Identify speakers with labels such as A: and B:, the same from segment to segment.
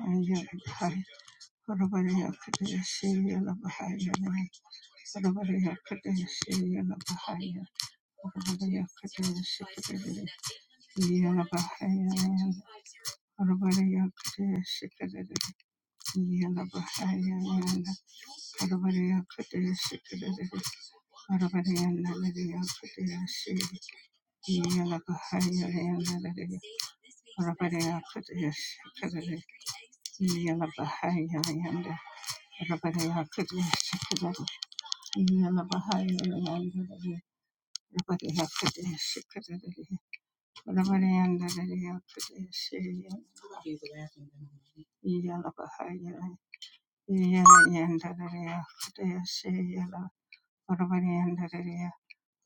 A: Yalabai, Rabariya Kadeshi, Yalabahaya, Rabariya Kadeshi, Yalabahaya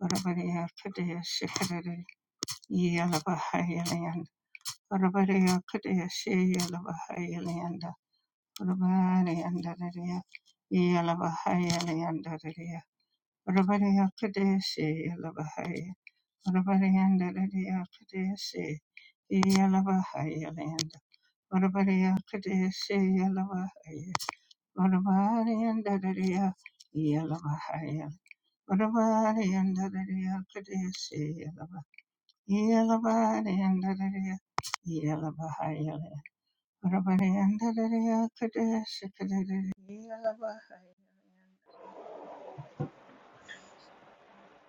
A: Leander, Urabariya Kadesi Yalabahaya Urabariya Ndarariya Kadesi Yalabahaya Linda Urabariya Kadesi Yalabahaya Urabariya Ndarariya Yalabahaya Urabariya Ndarariya Kadesi Yalabahaya Yalabariya Ndarariya Yalabahaya Urabariya Ndarariya Kadesi Kadariya Yalabahaya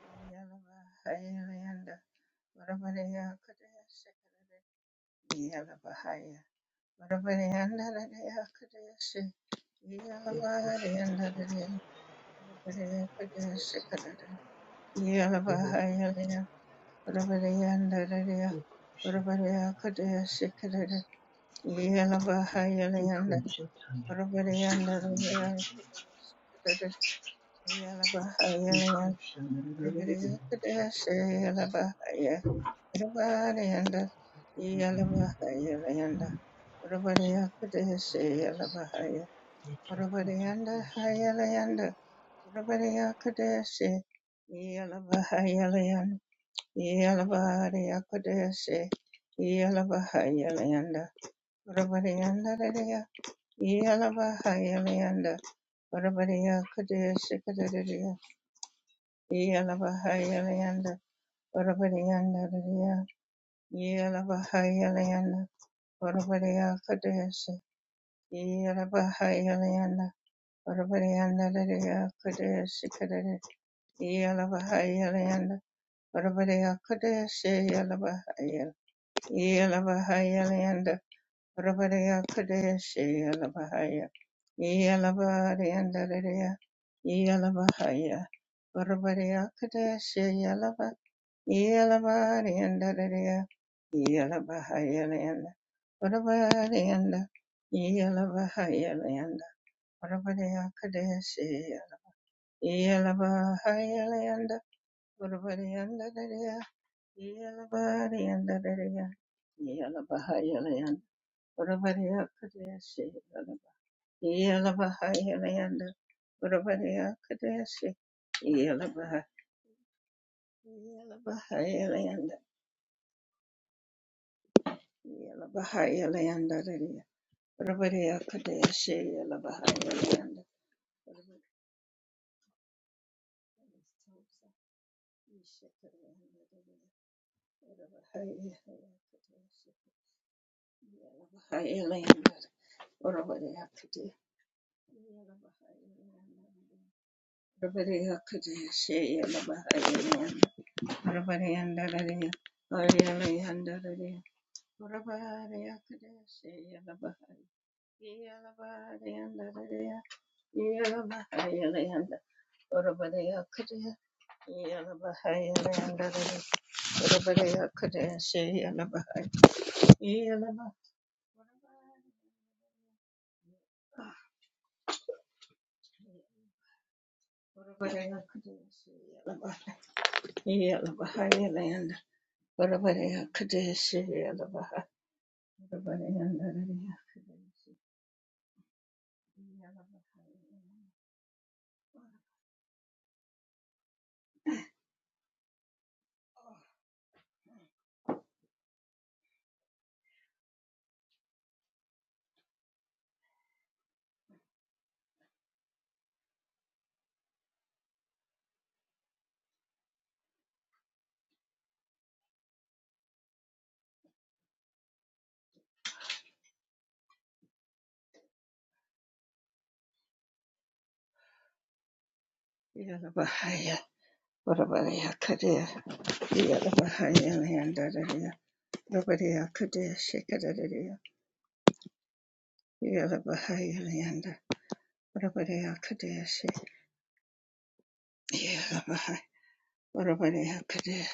A: Yalabahayalanda, Varavaraya Kadaya Sekarada, Yalabahaya, Varavarayanda Radaya Kadaya Se,
B: Thank
A: Yalabahayalanda Radaya, Varavaraya Kadaya Sekarada, Yalabahayalaya, Varavarayanda Radaya, Varavaraya Kadaya Sekarada, Yalabahayalanda,
B: you.
A: Varavarayanda Radaya Kadaya Sekarada, Yalabahayalaya, Varavaraya Kadaya Se, Yalabahaya, Everybody and Yalabahaya Layanda. Urabadiya Kadesi Yalabahaya. Urabadiyanda Haya Layanda. Urabadiya Kadesi Yalabahaya Layanda. Yalabadiya Kadesi Yalabahaya Layanda. Urabadiyanda Layanda. Yalabahaya Layanda. Urabadiya Kadesi Kadadiya. Yalabahaya Layanda. Urabadiyanda Layanda. Yalabahaya Layanda. Urabariya Kadeshi, Yalabahayalayanda, Urabarianda Lariya Kadeshi Kadari, Yalabahayalayanda, Urabariya Kadeshi Yalabahayal, Yalabahayalayanda, Orabariya Kadeshi Alabahaya Yalabariyandariya Yalabahaya Orabariya Kadeshi Yalaba Yalabariyandariya Yalabahaya Landa Orabariyanda Yalabahaya Landa Orabariya Kadeshi Yalabahaya Landa Orabariyandariya Yalabariyandariya Yalabahaya Land. Urabariya Kadeshi Yelabaha Yelayanda Urabariya Kadeshi Yelabaha Yelabaha Yelayanda Yelabaha Yelayanda Radia Urabariya Kadeshi Yelabaha Yelayanda Yelabaha Yelayanda Urabariya Kadeshi Yelabaha Yelayanda Urabariya Kadeshi Yelabaha Yelayanda Orabariyandarariya, Oriyalayandarariya, Orabariyakadeshe, Yalabahai, Yalabariyandariya, Yalabahayalayanda, Orabariyakadeshe, Yalabahayalayandariya, Orabariyakadeshe, Yalabahai, Yalabah- Orabariyakadeshe, Yalabahai, Yalabahayalayanda, Orabariyakadeshe, Yalabahai, Orabariyandariya, Yarabahaya Barabara Kadir Yarabahaya Leandararia Rabarea Kadir Shikararia Yarabahaya Leanda Barabarea Kadir Shik Yarabahaya Barabarea Kadir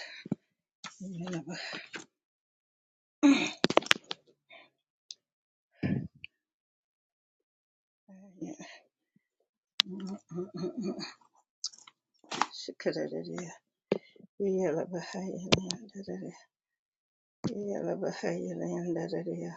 A: Yarabahaya Shikararia Yarabahaya Leandararia Yarabahaya Leandararia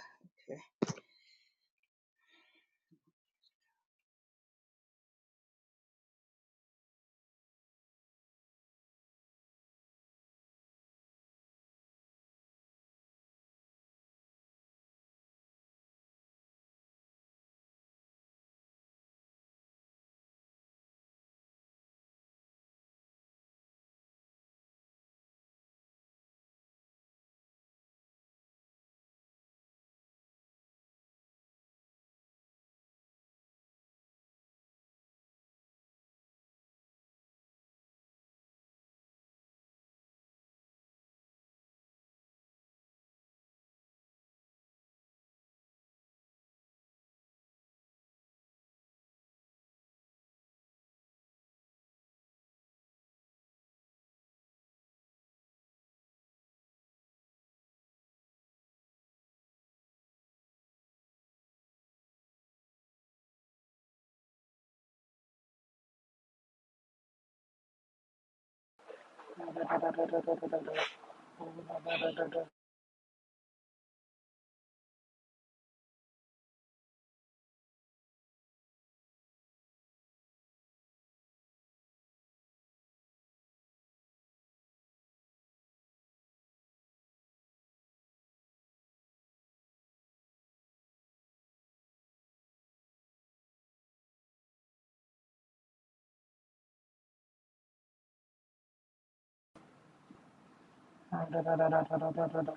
C: Da da da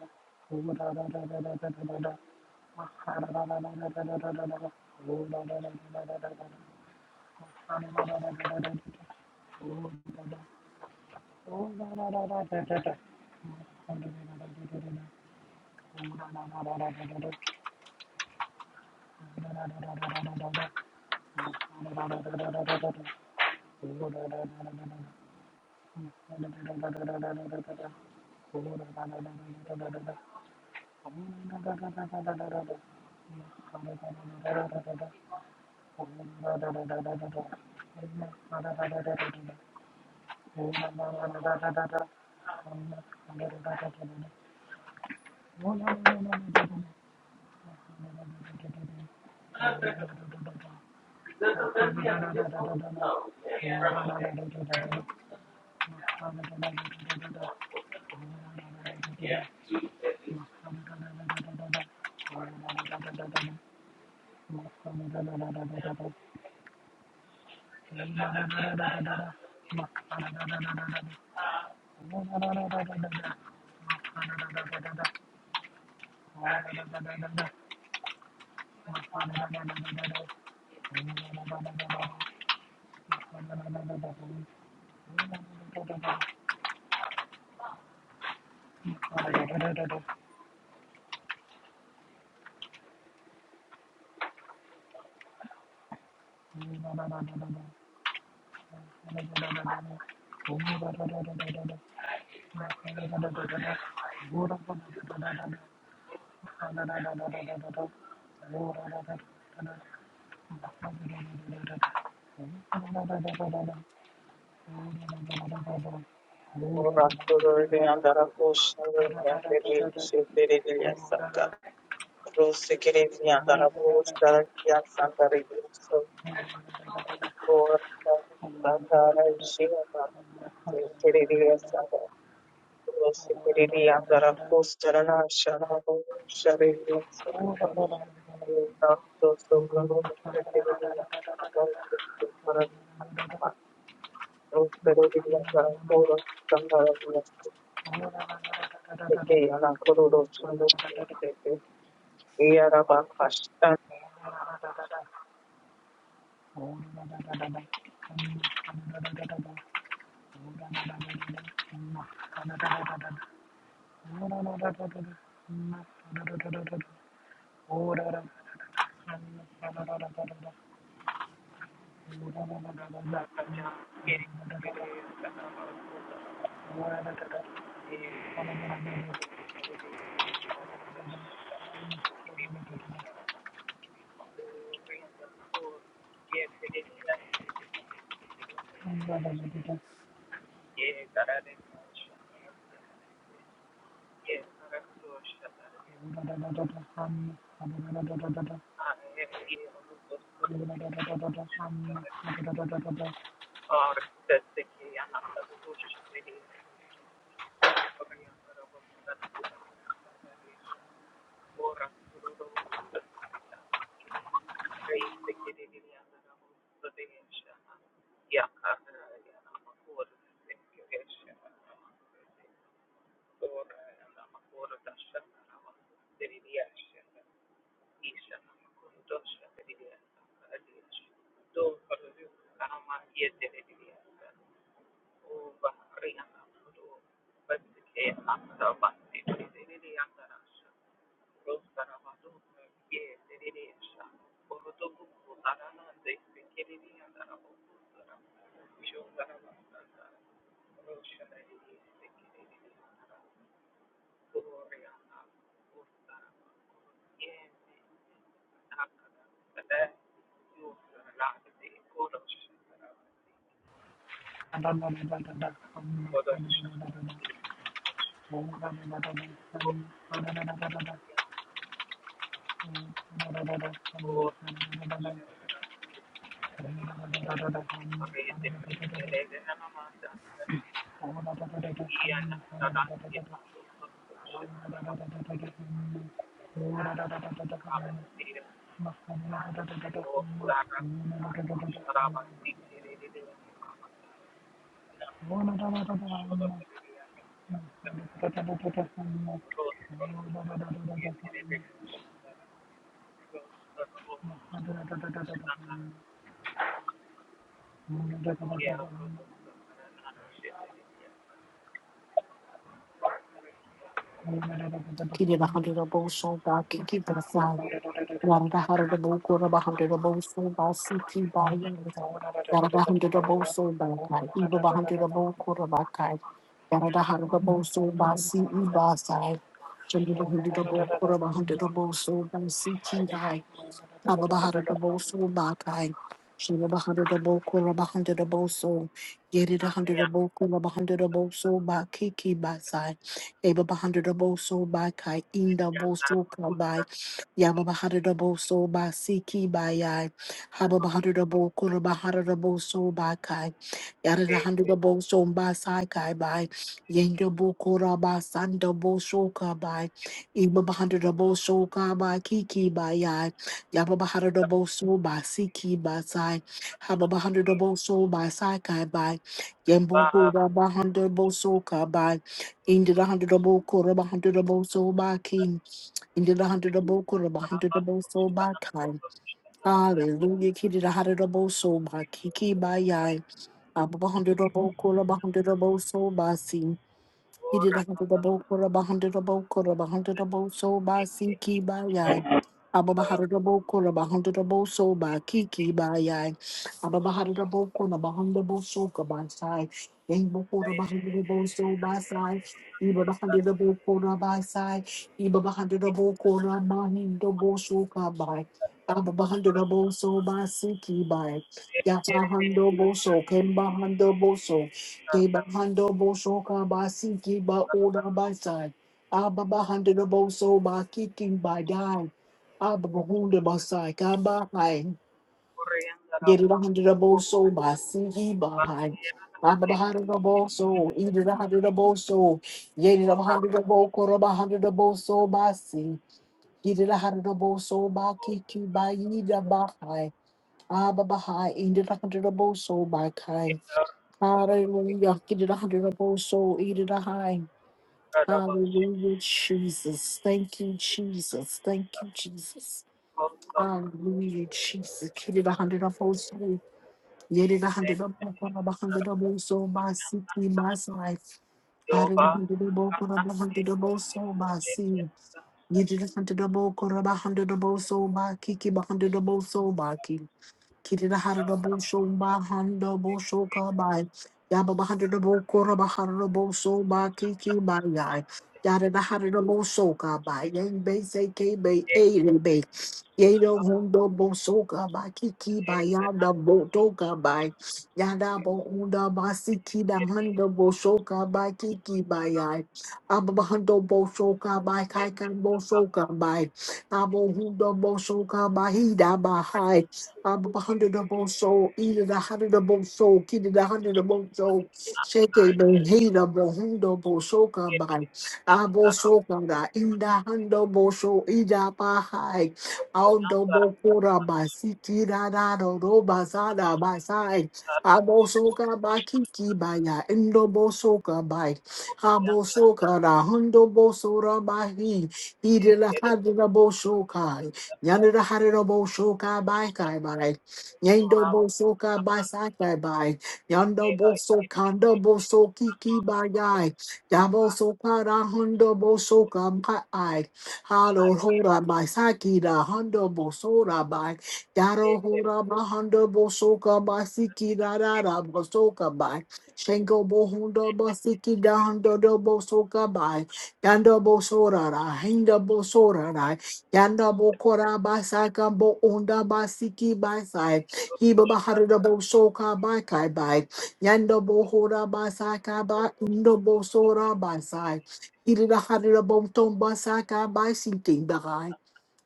C: da Oh,
D: Rosso Yarabakasha
C: Thank you. Thank
E: Kiri the hundred of Bosun, God, can keep it aside. Yada the hundred of Bokur of a hundred of Bosun, by CT by Yada the hundred of Bosun, by Kai, Eva hundred of Bokur of a Kai, Yada the hundred of Bosun, by CE by side. hundred of Bokur of a hundred
C: you.
E: Ababahadadabosu Bakai. Shibabahadadaboku Rabahadadabosu. Yedidahadadaboku Rabahadadabosu Bakiki Basai. Ababahandadabosu Bakai. Indabosu Yababahadabo so ba siki by yai. Hababahadabo kurabahadabo so ba kai. Yadahadabo so ba sai kai by. Yendabo kuraba sandabo so ka by. Ibabahadabo so ka by kiki by yai. Yababahadabo so ba siki by sai. Hababahadabo so ba sai kai by. Yembo kurabahadabo so ka by. Indi the hundred double quarter hundred double, so ba ki. Into the hundred of Bokura, hundred double so by time. Hallelujah, kitty the hundred double so by Kiki by Yai. Above a hundred of Bokura, hundred double so by sea. He did a hundred about for a hundred about for a hundred about so by Sinki by Yan. Ababa hundred about for a hundred about so by Kiki by Yan. Ababa hundred about for a hundred about so by side. Yang before a hundred about so by side. Iba the hundred about for a by side. Iba the hundred about for a mahin double so by. Ababa hundred about so by Sinki by. Yapa hundo bo so. Kemba hundo boso. Kiba hando bo shoka ba siki ba oda ba sai. Aba ba hando do bo so ba kicking by dime. Aba ba hunda ba sai ka ba hai. Get it a hundred do bo so ba siki ba hai. Aba ba hando do bo so. Eat it a hundred do bo so. Get it a hundred do bo koro ba hando do bo so ba si. Get it a hundred do bo so ba kicking by ida ba hai. Aba ba hai. Eat it a hundred do bo so ba kai. Hallelujah. Get it a hundred of old soul, eat it a high. Hallelujah, Jesus. Thank you, Jesus. Thank you, Jesus. Hallelujah, Jesus. Get it a hundred of old soul. Get it a hundred of both soul, a hundred of old soul by city, by life. Hallelujah, a hundred of old soul by sea. Get it a hundred of old soul by kiki, a hundred of old soul by key. Kiri the Harada Bosho Bahanda Bosho Kabai. Yaba Bahada the Bokora Bahada boso Ba Kiki Bayai. Yada the Harada Bosho Kabai. Yang Bay Say K Bay Aiden Bay. Yado Hondo Bosho Kabai Kiki Bayada Boto Kabai. Yada Bohunda Basiki the Handa Bosho Kabai Kiki Bayai. Abba Bahando Bosho Kabai Kaikan Bosho Kabai. Abo Hundo Bosho Kabai Hida Bahai. Abandonable soul, eat it a hundred of soul, kid it a hundred of soul, shake it, hate a behina, bohundo, soka by Abo soka, da, in the handable show, ida bahai, Aundo Kura by Siki da da da, Roba Sada by Sai Abo Soka by Kiki by Ya Indo Bosoka by Abo Soka da Hundo Bosora by He He did a Hadina Yanada Haridobo Shoka by Kai by Yando Bosoka by Sakai by Yando Boso Kando Boso Kiki by Guy Yabo Soka da Hundo Bosoka by I Halo Hora by Saki da Hundo Bosora by Yaro Hora by Hundo Bosoka by Siki da da da Bosoka by Shengo Bohundo Bosiki da Hundo do Bosoka by Yando Bosora da Hinda Bosora Yanda bokora basaka ba sa ka bo onda ba siki Hiba ba bo soka ba kai bai. Yanda bohora basaka ba sa ka ba undo bo sora ba sai. Irida harada bo tomba sa ka ba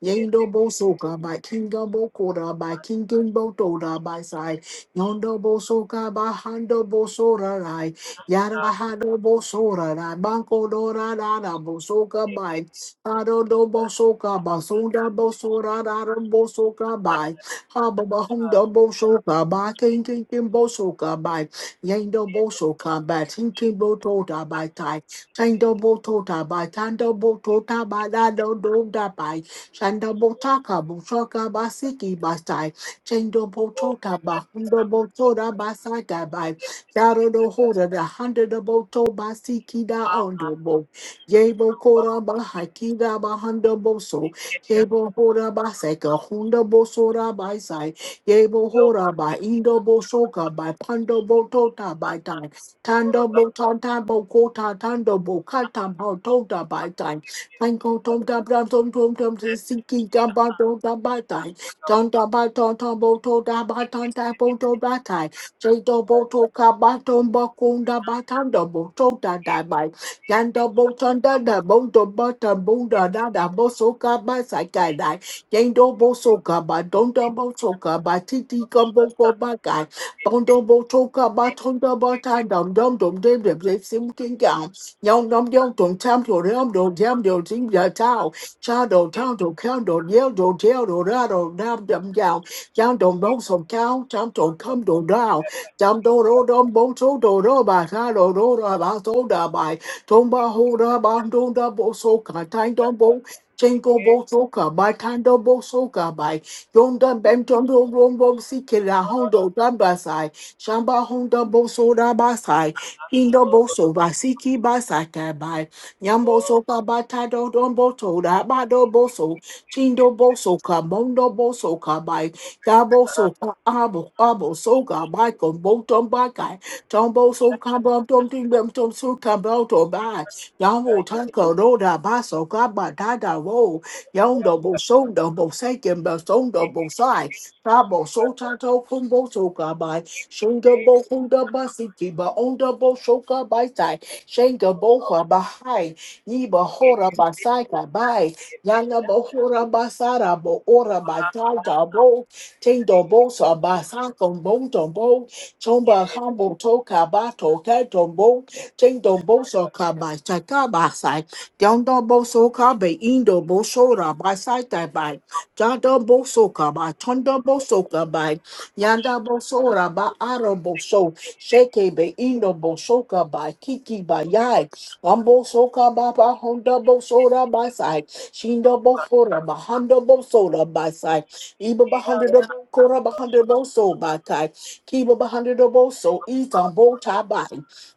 E: Yendo bo soka by Kinga bo kora by Kingin bo toda by side. Yondo bo soka by Hando bo sora rai. Yara hado bo sora rai. Banco dora da da bo soka by. Hado do bo soka by. sunda bo sora da da bo soka by. Haba ba humda bo soka by. King king king bo soka by. Yendo bo soka by. Tinkin bo toda by tai. Tando bo tota by. Tando bo tota by. Da do do da by. Shanda botaka botaka basiki basai. Chendo botoka bahundo botora basaka bai. Yaro no hora the hundred boto basiki da ondo bo. Yebo kora bahaki da bahando boso. Yebo hora baseka hundo bosora basai. Yebo hora ba indo bosoka by pando botota by time. Tando botanta bokota tando bokata botota by time. Tango tom da bram tom tom tom to sinki gum ba tom da ba tai. Tom da ba tom tom bo to da ba tom da bo to ba tai. Jay do bo to ka ba tom ba kun da ba tam da bo to da da ba. Yan da bo ton da da bo to ba tam bo da da da bo so ka ba sai kai dai. Yan do bo so ka ba don da bo so ka ba ti ti gum bo ko ba kai. Bon do bo to ka ba tom da ba ta dum dum dum dum dum sim king gum. Yom yom yom dong tam do yom do yam do ding da tao cha do tao do count do yell do tell do ra do dam dam down down dong bong song cow tam do come do down tam do do dom bong so do do ba cha do do ra ba so da bai tong ba ho da ba do da bo so ka tai dong bong Jingle bo so ka bai tan do bo so ka bai dong dam bang dong dong dong bong si ke la hong do dam ba sai shamba hong dam bo so da ba sai Indo so basiki basata by Yambo so kabatado dombo to rabado boso chindo boso kabondo boso kabai Dabo so ka abo abo so ga by kombotom bakai Tombo so kabom tom timbem tom so kaboto by Yambo tanko roda baso kabatada wo Yondobo so double second best on double side Tabo so tato kumbo so Shinga bo hunda basiti ba onda bo shoka baisai. Shinga bo hora bahai. iba hora basai ka bai. Yana bo hora basara bo ora baitaja bo. Tindo bo sa basakon bo tombo. Chomba hambo toka ba toka tombo. Tindo bo sa ka bai chaka basai. Dondo bo so ka be indo bo shora basai tai bai. Jado bo so ka bai. Tondo bo so bai. Yanda bosora ba araboso sheke be indo bosoka ba kiki ba yai ambo soka ba ba honda bosora ba sai shindo bosora ba honda bosora ba sai iba ba hundred bokora ba hundred boso ba kai kiba ba hundred boso itan bo ta ba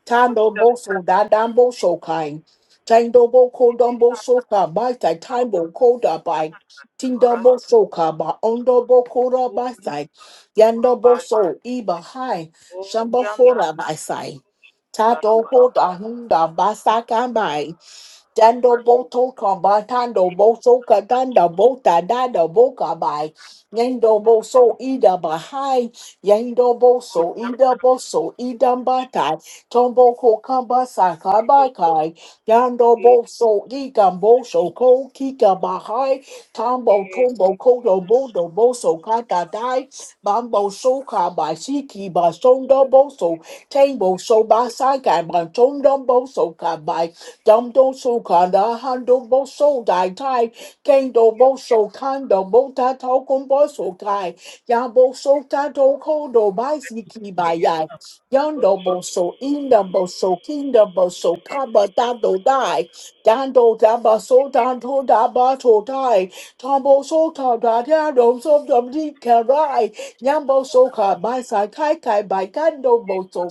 E: tando boso da dambo so kai tando boko dambo soka ba tai tambo koda ba Tindo bo soka ba ondo bo kora by side. Yando boso iba hai shamba hora basai. Tato hoda hunda basaka mai. Dando boto kabatando boso katanda bota dada boka by Yendo boso ida bahai Yendo boso ida boso idambata Tomboko kamba sakabakai Yando boso igamboso ko kika bahai Tombo tombo kodo bodo boso kata dai Bambo soka by siki basondo boso Tambo so basai kai bantondo boso Damdo so kanda hando bo so dai tai kendo bo so kanda bo ta tau kon bo so kai ya bo so ta do ko do bai si ki bai yai yando bo so inda bo so kinda bo so kaba ta do dai dando da so dan to da ba to dai tambo so ta da da do so dum di ka rai yambo so ka bai sai kai kai bai kando bo so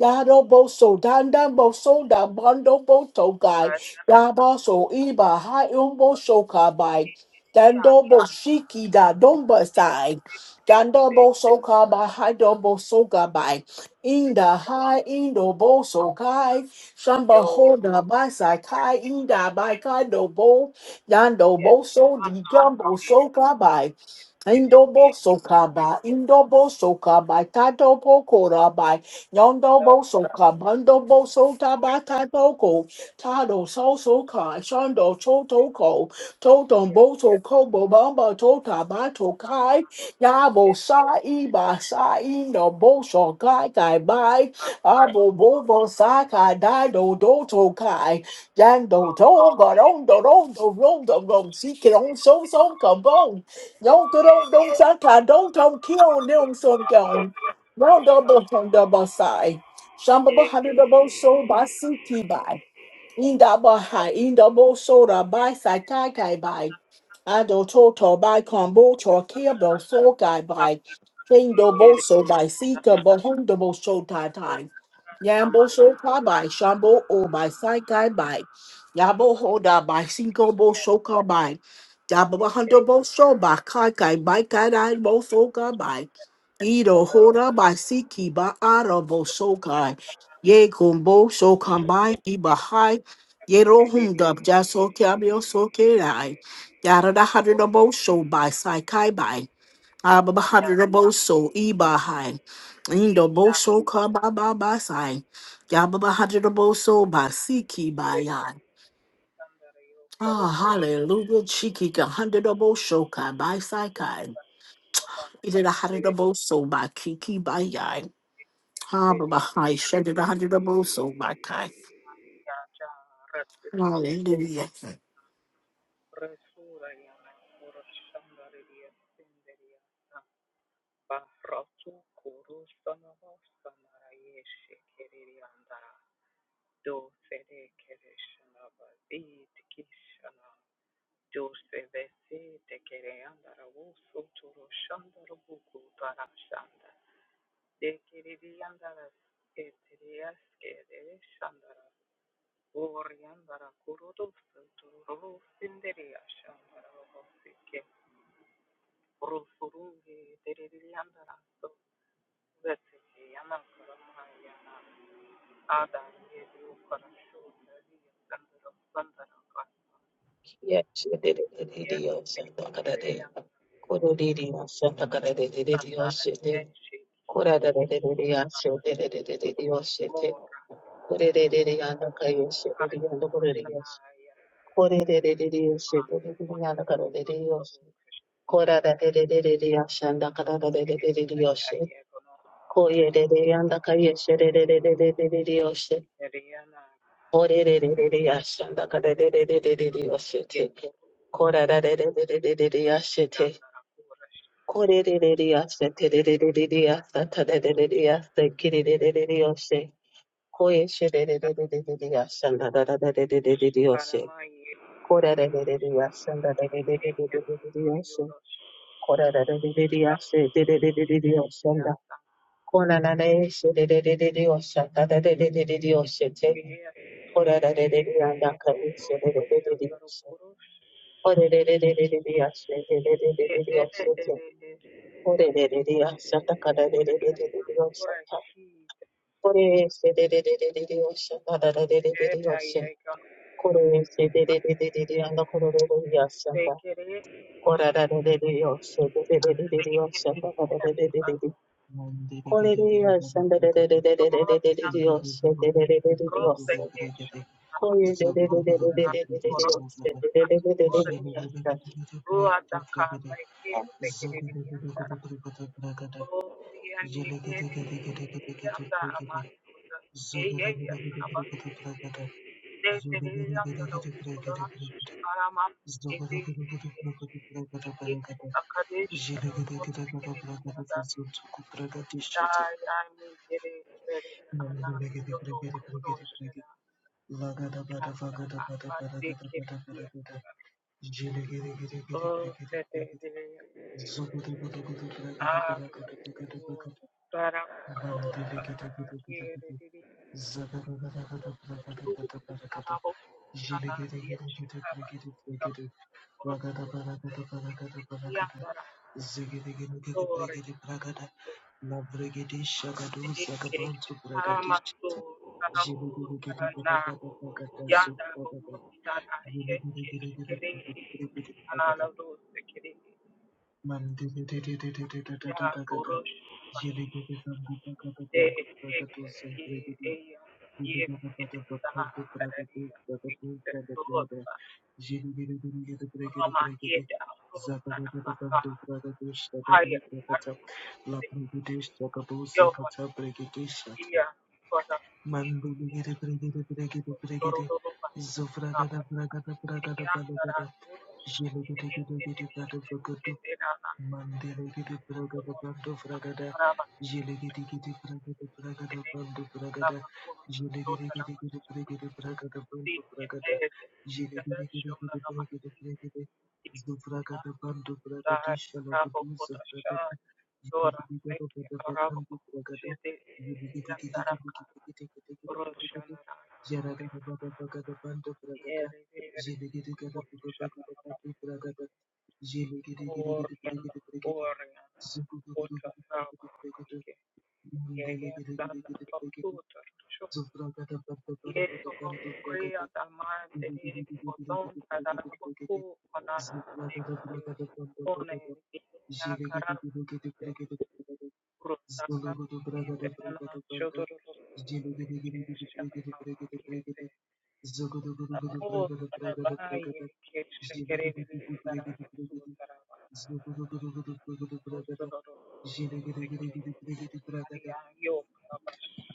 E: Yado boso dandan boso da bando boto guy. Yabaso iba hi umbo shoka by. Dando boshiki da domba side. Ganda boso ka by hi dombo soka by. Inda hi indo boso kai. Shamba hoda by sai kai inda by kai do bo. Yando boso di gumbo soka by. Indobo sokaba, indobo sokaba, tato pokora Yondo boso ka bando boso tabata toko tado soso ka shondo toto ko toton boso kobo bamba tota bato kai yabo sa iba sa ino boso kai kai bai abo bobo sa ka dado doto kai jando toga garondo rondo rondo rondo sike on so so kabong yonko good old don't suck, I don't, don't kill them, Rondo botondo bosai. Shambaba hundred of so basuki by. Inda baha, inda bosora by saitakai by. Ado toto by combo torkebo sokai by. Kendo boso by seeker bohondo boso taitai. Yambo so ka by shambo o by saikai by. Yabo hoda by sinko boso by. Dabo bohondo boso by kaikai by kaidai boso by. Ido hoda by siki by aro boso Ye kumbo so kambai Yero hum dub jaso kyabio so kirai. Yara da hundred abo so by sai kai by. Abba hundred abo so e ba hai. Indo bo show ka ba ba ba sai. Yabba hundred abo so by si ki by yan. Ah, hallelujah, chiki ka hundred abo so ka by sai kai. Ida da hundred abo so by kiki by yan. Abba hai shed a hundred abo so by kai. Hallelujah.
F: Yes, she did it. Did it. Yes, and the it day. Kuru did it. Yes, and the other day. Did it. Yes, she did. Kura da da da da da. Yes, she did it. also? Did it. Did it. Yes, she did. Kure da da da. And the kaya. Yes, she did it. And the kuru did it. did it da da da da. Yes, she did it. And the kuru did it. Yes. Kura did it da da da. Yes, and the kara da da da da da. Yes, she. Koye da da. And did it Yes, she did it. Did it. also. Kuru Did it. Did it. Yes, she. Kure da da da da. Yes, and the kara da da da da da. Yes, she. Kura da da da da da da. Yes, she. Ko re re re diyasthe te re re re diyasthe ta re re re diyasthe ki re re re diyasthe ko eshe re re re diyasthe na da da da di di diyasthe ko re re re diyasthe na da da da di di diyasthe ko re re re diyasthe te re re re diyasthe na ko na na eshe te re re re diyasthe ta ta ta ta ta diyasthe te ko re re re diyanda karu eshe te re re re diyasthe ko re re re diyasthe te re re re diyasthe これれれれやしゃたかられれれれれよしゃた。これせれれれれれれよしゃたられれれれれよしゃ。これせれれれれれれやなころろろやしゃた。こらられれれよしゃれれれれれよしゃたかられれれれれ。これれやしゃたれれれれれれれれれよしゃれれれれれよしゃ。これれれれれれれれれれよしゃれれれれれれれやしゃ。
G: Mandiri Zogudu gudu gudu bragada bragada bragada bragada Mandele gede gede gede gede zagada gada gada bragada gada bragada jele gede gede gede brigede brigede bragada bragada bragada bragada zegede gede gede brigede bragada la brigede shagado zagabanto bragadish jele gede gede gada gada bragada zo bragada jele gede gede gede brigede brigede bragada Man, Didi, Didi, Didi, Dada, Dada, Dada, Dada, Yeli, Didi, Pandu, Dada, Dada, Pandu, Dada, Dusam, Prakee, Didi, Buli, Dada, Dada, Bhakhar, Dus, Praga, Dus, Jaga, Dus, Kaga, Dus, Jini, Jini, Jini, Dus, Prakee, Dus, Prakee, Dus, Zaga, Dada, Pandu, Dus, Praga, Dus, Jaga, Dus, Lakni, Budeesh, Jaga, Dus, Jaga, Dus, Prakee, Kesha. Man, Buli, Didi, Prakee, Didi, Prakee, Didi, Prakee, Didi, Zufaga, Dada, Praga, Dada, Praga, Dada, Palaga, Dada, Yeli, Didi, Yeli, Didi, Dada, Bhakhar, Dus. Mandelo gede bragada bando bragada jele gede gede bragada bragada bando bragada jele gede gede gede bragada bragada bando bragada jele gede gede gede bragada bragada zo bragada bando bragada shala gudu zo bragada jele gede gede gede bakando bragada jele gede gede gede gede gede gede gede gede gede jara gada bada bagada bando bragada jele gede gede gede bagada bando bragada Mandele gede gede gede gede gede. Zufra gada bandu bara gada bandu fra gada. Zulu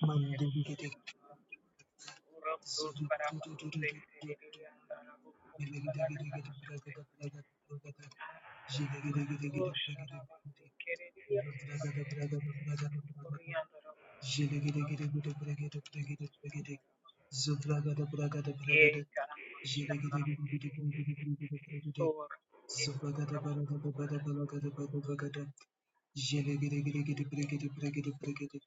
G: Mandem gidi, zudu dudu dudu dudu dudu. Zilege Zubagada baragada bada balagada bada bagada. Jelegede gede gede bregede bregede bregede.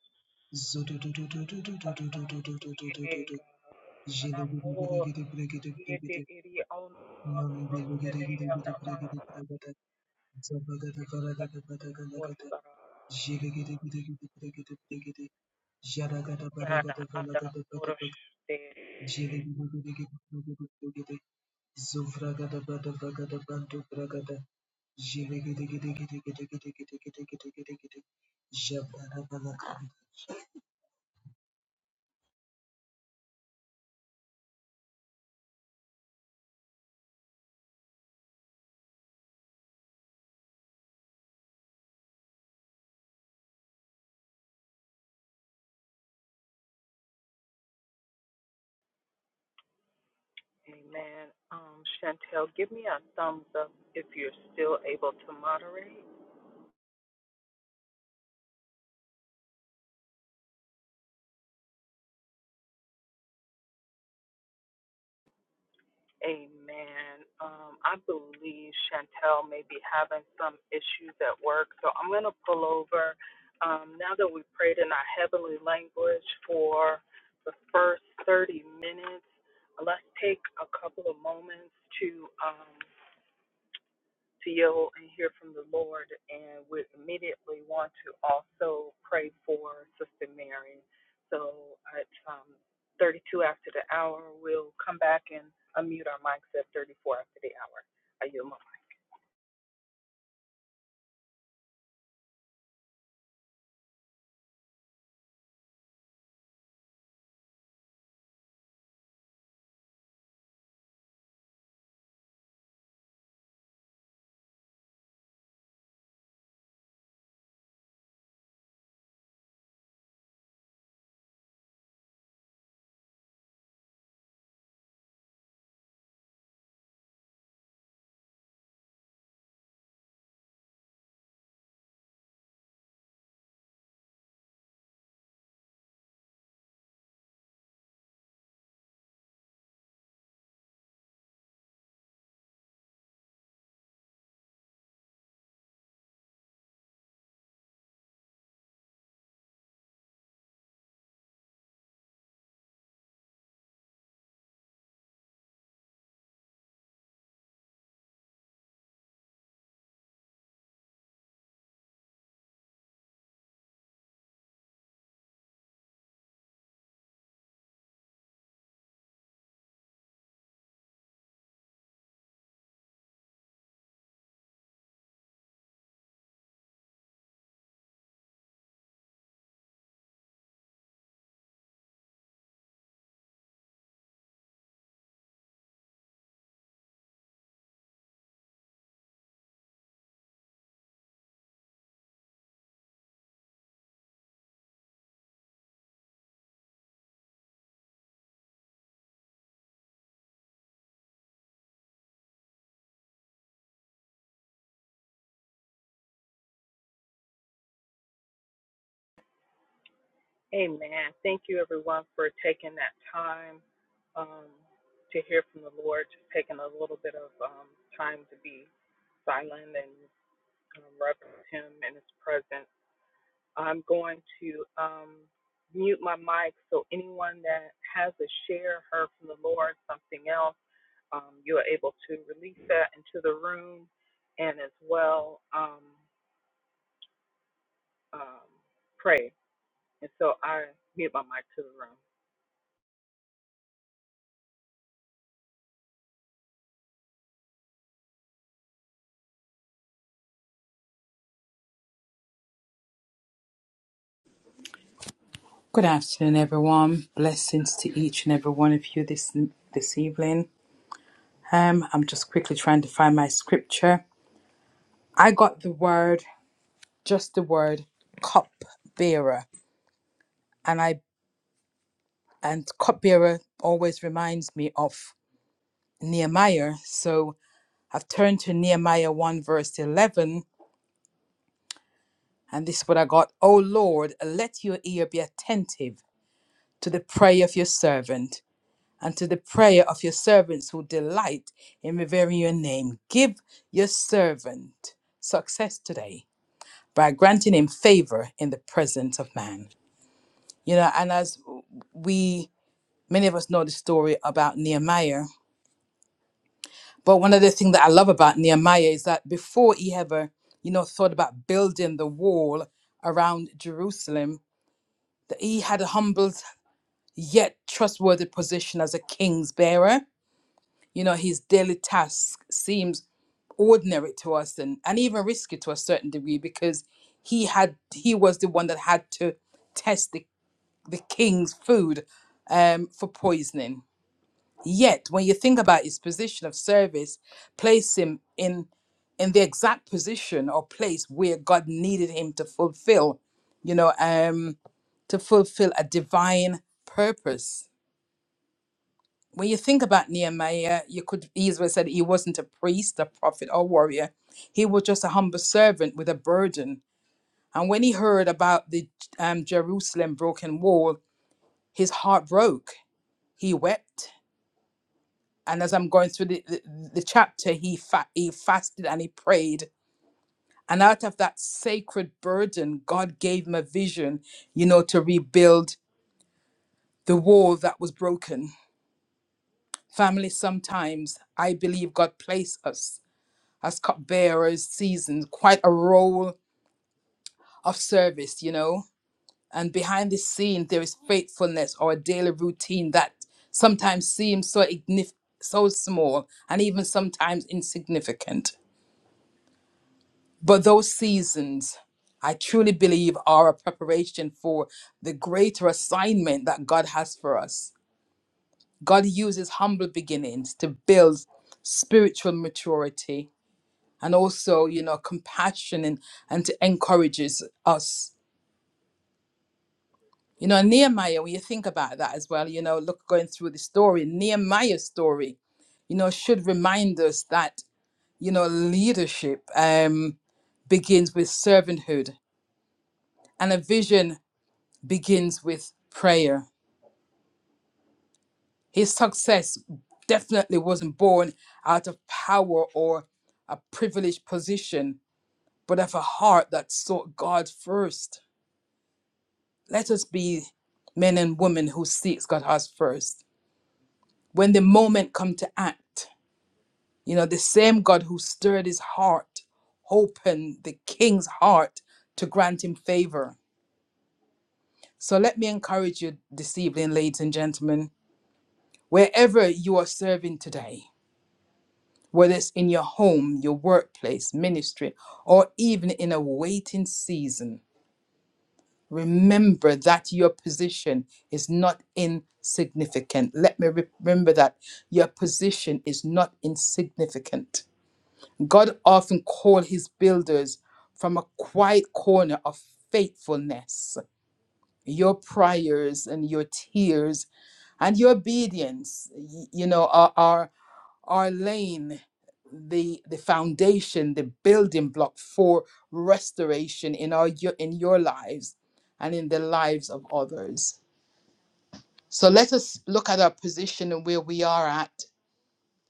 G: Zodododododododododododododododo. Jelegede gede gede bregede bregede. Mandelegeregeregeregeregeregada, Jiregeregeregeregeregere, Jaragada baragada balagada badabag, Jiregeregeregeregere, Zuvragada badabagada bantu bragada, Jiregeregeregeregeregeregeregere, Jabarabalagada.
H: Good afternoon, everyone. Blessings to each and every one of you this this evening. Um, I'm just quickly trying to find my scripture. I got the word, just the word, cup bearer, and I and cup bearer always reminds me of Nehemiah. So I've turned to Nehemiah one verse eleven, and this is what I got. O Lord, let your ear be attentive to the prayer of your servant and to the prayer of your servants who delight in revering your name. Give your servant success today by granting him favor in the presence of man. You know, and as we, many of us know the story about Nehemiah, but one of the things that I love about Nehemiah is that before he ever, you know, thought about building the wall around Jerusalem, that he had a humble yet trustworthy position as a king's bearer. You know, his daily task seems ordinary to us and, and even risky to a certain degree because he had he was the one that had to test the, the king's food um, for poisoning. Yet when you think about his position of service, place him in in the exact position or place where God needed him to fulfill, you know, um, to fulfill a divine purpose when you think about Nehemiah, you could easily say that he wasn't a priest, a prophet, or warrior. He was just a humble servant with a burden. And when he heard about the um, Jerusalem broken wall, his heart broke. He wept. And as I'm going through the, the, the chapter, he, fa- he fasted and he prayed. And out of that sacred burden, God gave him a vision, you know, to rebuild the wall that was broken. Family, sometimes I believe God placed us. as cupbearers seasons quite a role of service, you know. And behind the scene, there is faithfulness or a daily routine that sometimes seems so ignif- so small and even sometimes insignificant. But those seasons, I truly believe, are a preparation for the greater assignment that God has for us. God uses humble beginnings to build spiritual maturity and also, you know, compassion and, and to encourages us. You know, Nehemiah, when you think about that as well, you know, look going through the story, Nehemiah's story, you know, should remind us that, you know, leadership um, begins with servanthood and a vision begins with prayer. His success definitely wasn't born out of power or a privileged position, but of a heart that sought God first. Let us be men and women who seeks God's heart first. When the moment come to act, you know, the same God who stirred his heart, opened the king's heart to grant him favor. So let me encourage you this evening, ladies and gentlemen, wherever you are serving today, whether it's in your home, your workplace, ministry, or even in a waiting season, Remember that your position is not insignificant. Let me re- remember that your position is not insignificant. God often called his builders from a quiet corner of faithfulness. Your prayers and your tears and your obedience, y- you know, are, are are laying the the foundation the building block for restoration in our yo- in your lives and in the lives of others so let us look at our position and where we are at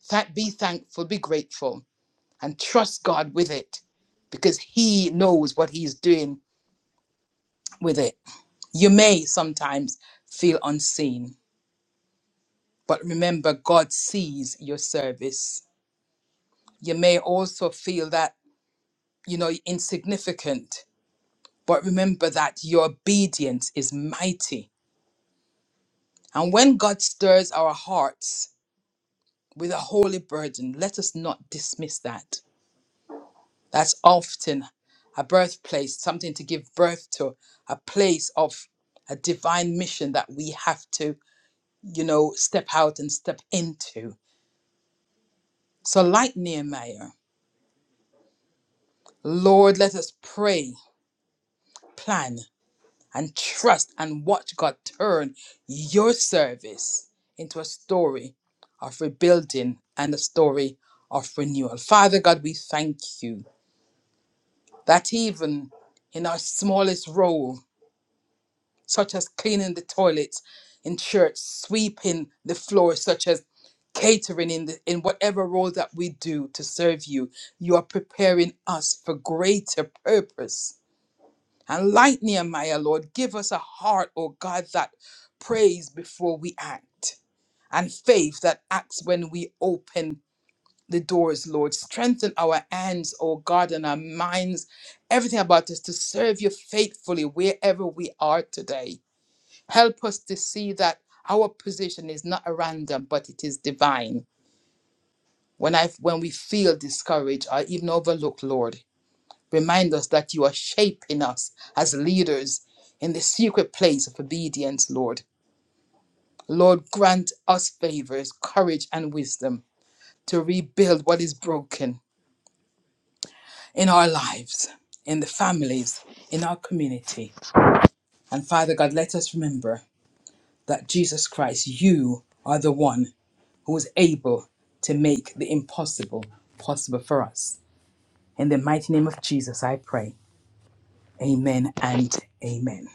H: Thank, be thankful be grateful and trust god with it because he knows what he's doing with it you may sometimes feel unseen but remember god sees your service you may also feel that you know insignificant But remember that your obedience is mighty. And when God stirs our hearts with a holy burden, let us not dismiss that. That's often a birthplace, something to give birth to, a place of a divine mission that we have to, you know, step out and step into. So, like Nehemiah, Lord, let us pray, plan, and trust and watch God turn your service into a story of rebuilding and a story of renewal. Father God, we thank you that even in our smallest role, such as cleaning the toilets in church, sweeping the floors, such as catering in the, in whatever role that we do to serve you, you are preparing us for greater purpose and like Nehemiah, Lord, give us a heart, oh God, that prays before we act, and faith that acts when we open the doors, Lord. Strengthen our hands, oh God, and our minds, everything about us to serve you faithfully wherever we are today. Help us to see that our position is not a random, but it is divine. When I when we feel discouraged or even overlooked, Lord. Remind us that you are shaping us as leaders in the secret place of obedience, Lord. Lord, grant us favors, courage, and wisdom to rebuild what is broken in our lives, in the families, in our community. And Father God, let us remember that Jesus Christ, you are the one who is able to make the impossible possible for us. In the mighty name of Jesus, I pray. Amen and amen.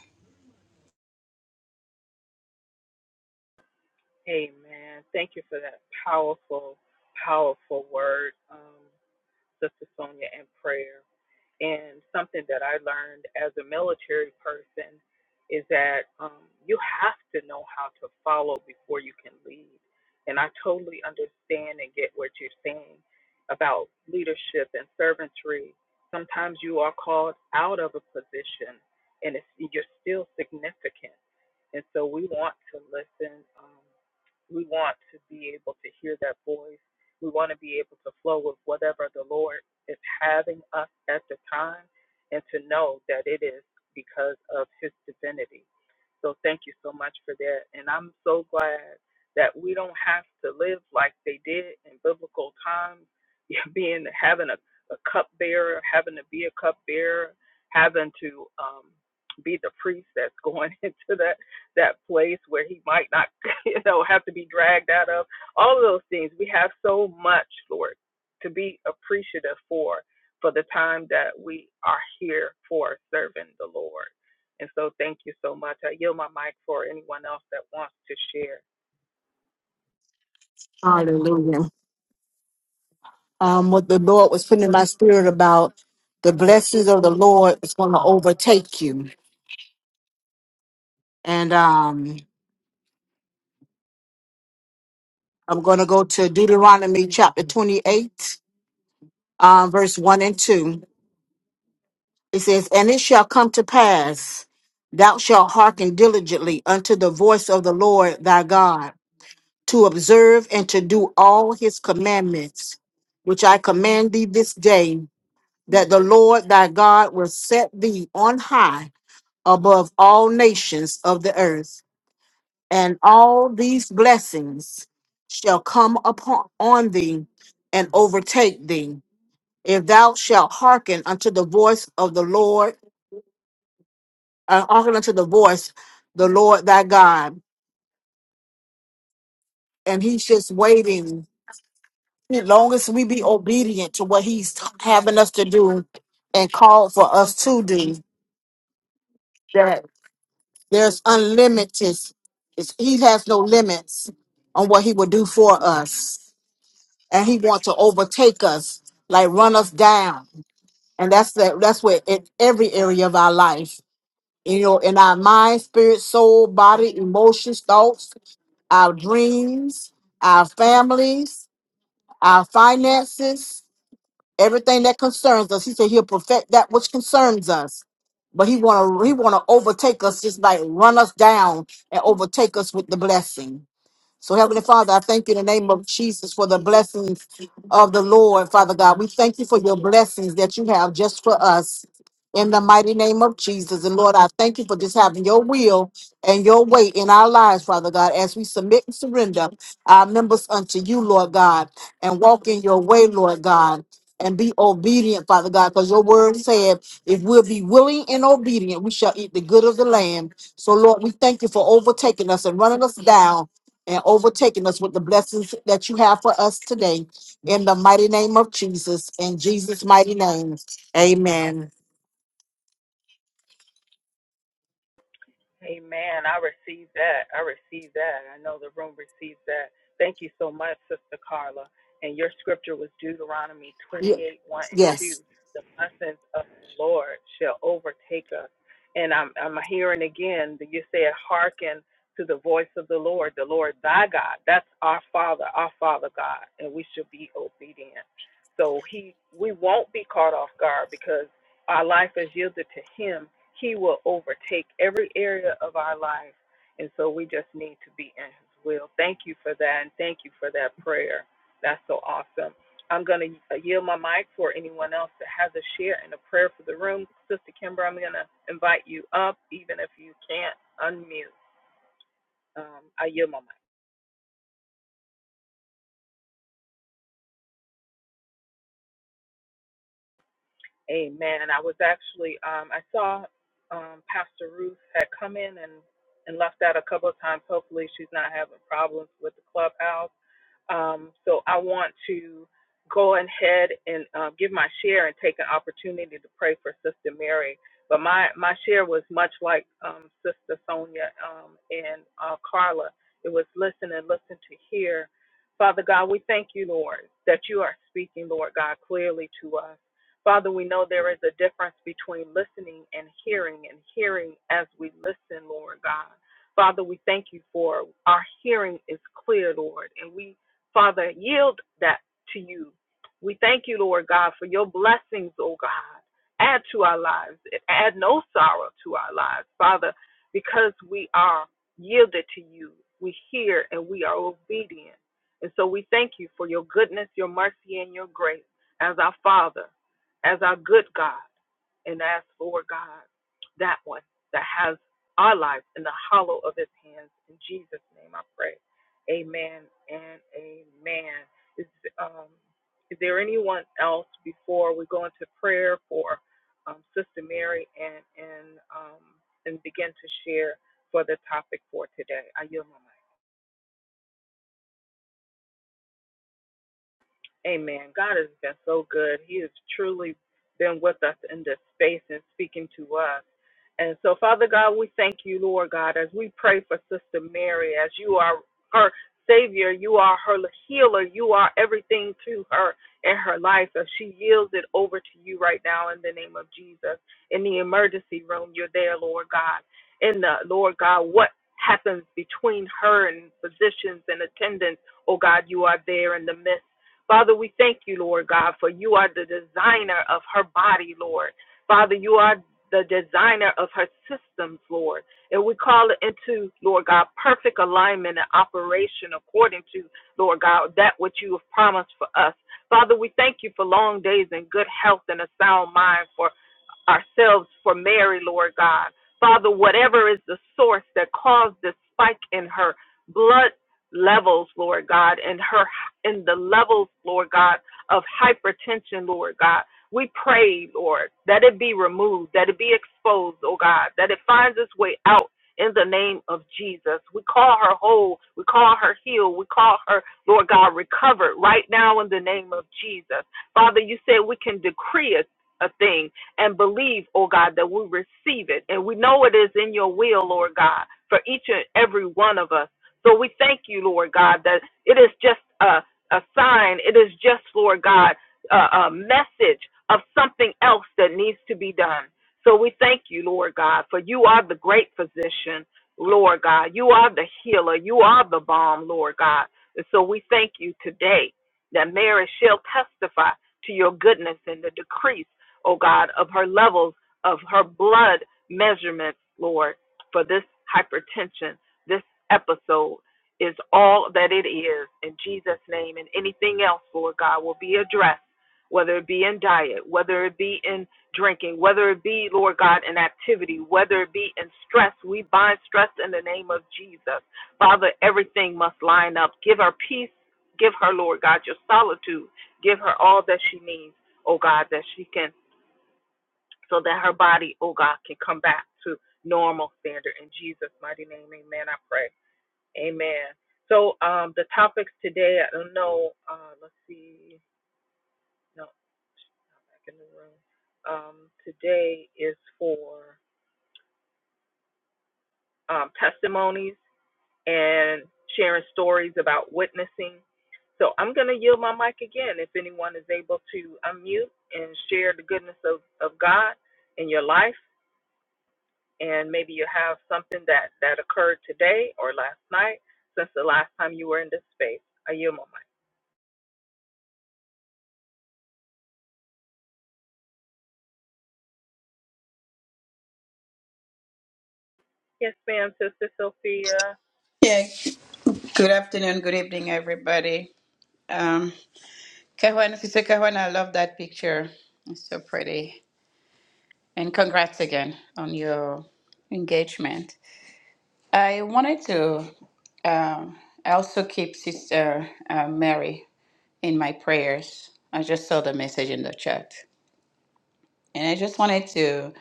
E: Hallelujah. um, what the Lord was putting in my spirit about the blessings of the Lord is going to overtake you. And um, I'm going to go to Deuteronomy chapter 28, um, verse 1 and 2. It says, And it shall come to pass, thou shalt hearken diligently unto the voice of the Lord thy God, to observe and to do all his commandments, which I command thee this day, that the Lord thy God will set thee on high above all nations of the earth, and all these blessings shall come upon on thee and overtake thee, if thou shalt hearken unto the voice of the Lord, uh, hearken unto the voice the Lord thy God. And he's just waiting. As long as we be obedient to what he's having us to do and called for us to do, that there's unlimited. it's- He has no limits on what he will do for us. and he wants to overtake us, like run us down. And that's that that's where in every area of our life, you know, in our mind, spirit, soul, body, emotions, thoughts, our dreams, our families, our finances, everything that concerns us. He said he'll perfect that which concerns us. But he wanna he wanna overtake us, just like run us down and overtake us with the blessing. So, Heavenly Father, I thank you in the name of Jesus for the blessings of the Lord, Father God. We thank you for your blessings that you have just for us. In the mighty name of Jesus. And Lord, I thank you for just having your will and your way in our lives, Father God, as we submit and surrender our members unto you, Lord God, and walk in your way, Lord God, and be obedient, Father God, because your word said, if we'll be willing and obedient, we shall eat the good of the land. So, Lord, we thank you for overtaking us and running us down and overtaking us with the blessings that you have for us today. In the mighty name of Jesus, in Jesus' mighty name, amen. Ye- Yes.
I: Yeah, good afternoon, good evening, everybody. Um, Kahwan, Sister Kahwan, I love that picture. It's so pretty. And congrats again on your engagement. I wanted to um, I also keep Sister uh, Mary in my prayers. I just saw the message in the chat. And I just wanted to,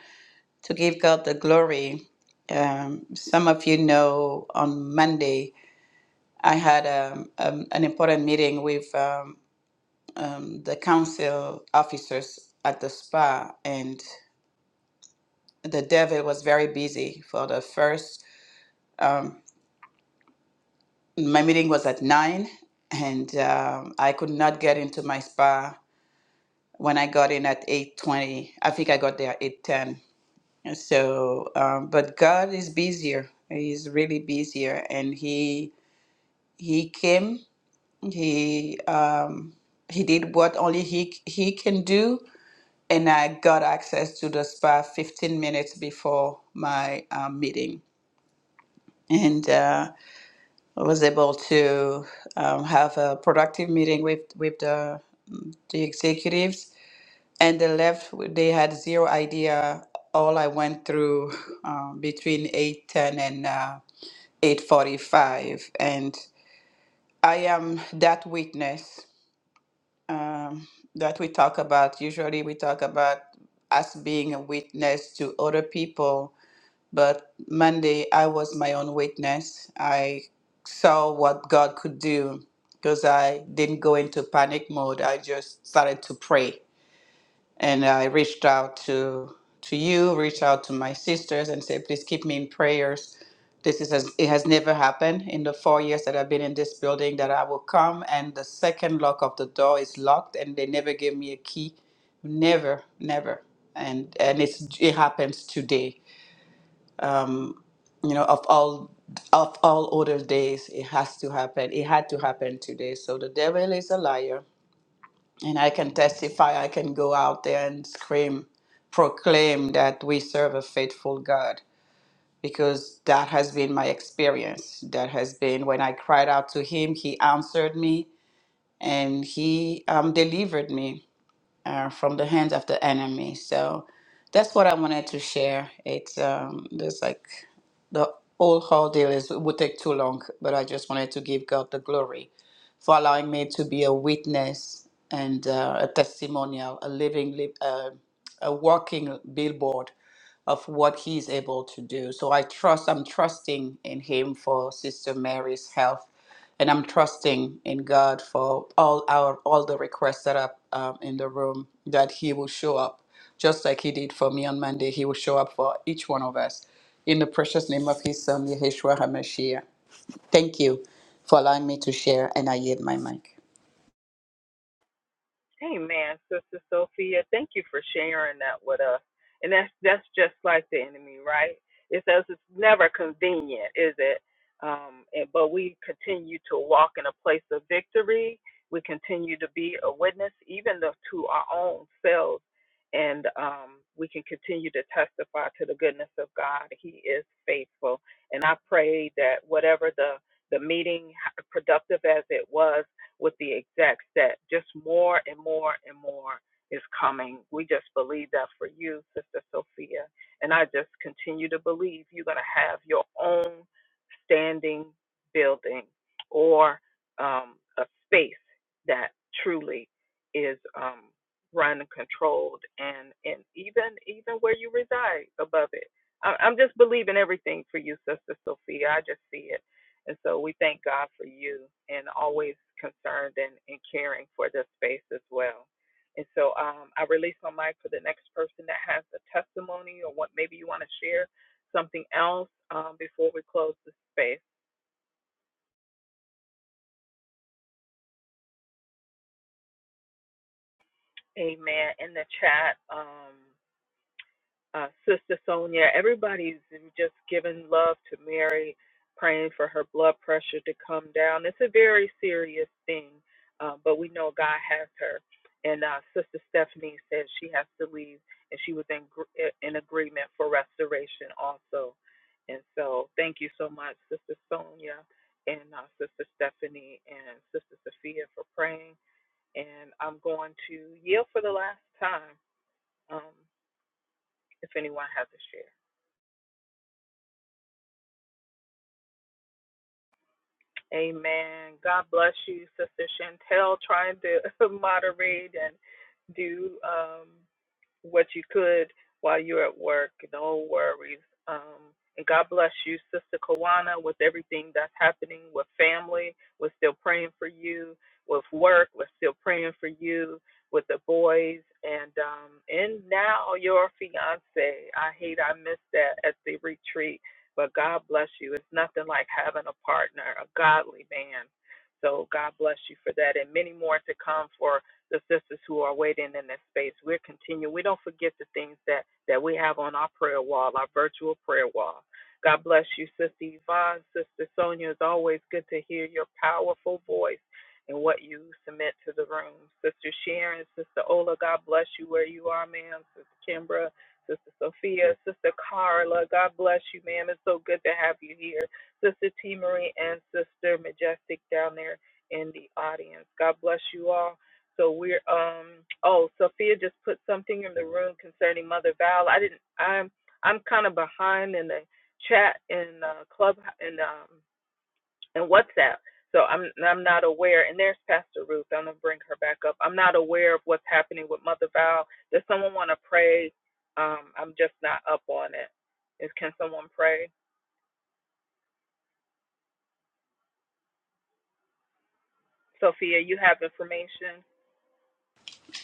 I: to give God the glory. Um, some of you know on Monday, I had um, um, an important meeting with. Um, um, the council officers at the spa, and the devil was very busy for the first. Um, my meeting was at nine, and um, I could not get into my spa when I got in at eight twenty. I think I got there at eight ten. So, um, but God is busier. He's really busier, and he he came. He um, he did what only he he can do and I got access to the spa 15 minutes before my um, meeting. And uh, I was able to um, have a productive meeting with, with the, the executives. And they left, they had zero idea all I went through um, between 8.10 and uh, 8.45. And I am that witness um, that we talk about. Usually we talk about us being a witness to other people But Monday, I was my own witness. I saw what God could do because I didn't go into panic mode. I just started to pray. And I reached out to, to you, reached out to my sisters, and said, please keep me in prayers. This is it has never happened in the four years that I've been in this building that I will come and the second lock of the door is locked and they never gave me a key. Never, never. And and it's it happens today um, you know, of all of all other days, it has to happen. It had to happen today. So the devil is a liar, and I can testify. I can go out there and scream, proclaim that we serve a faithful God because that has been my experience. That has been when I cried out to Him, He answered me and He um, delivered me uh, from the hands of the enemy. So that's what I wanted to share. It's um, there's like the whole whole deal is it would take too long, but I just wanted to give God the glory for allowing me to be a witness and uh, a testimonial, a living, li- uh, a walking billboard of what he's able to do. So I trust, I'm trusting in him for Sister Mary's health, and I'm trusting in God for all our all the requests that are um, in the room that he will show up, just like he did for me on Monday. He will show up for each one of us in the precious name of his son Yeshua HaMashiach. Thank you for allowing me to share, and I yield my mic.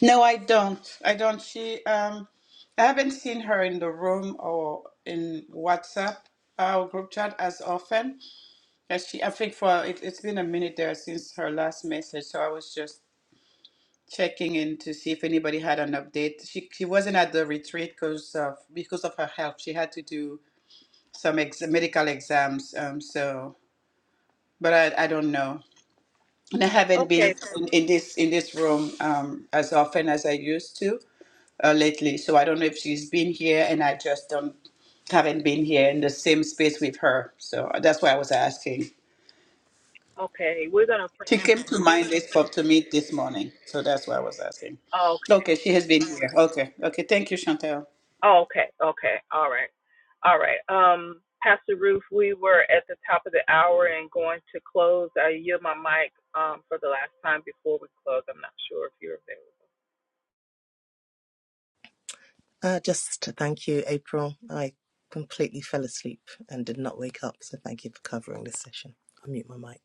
I: No, I don't. I don't. She, um, I haven't seen her in the room or in WhatsApp uh, or group chat as often as she. I think for it, it's been a minute there since her last message, so I was just checking in to see if anybody had an update. She she wasn't at the retreat because of because of her health. She had to do some ex- medical exams. Um, so, but I I don't know. And I haven't been in, in this in this room um as often as I used to. uh, lately, so I don't know if she's been here, and I just don't haven't been here in the same space with her. So that's why I was asking. She came to mind this pop to me this morning, so that's why I was asking. Okay, she has been here. Okay, okay. Thank you, Chantel.
J: Uh, just to thank you, April. I completely fell asleep and did not wake up, so thank you for covering this session. I'll mute my mic.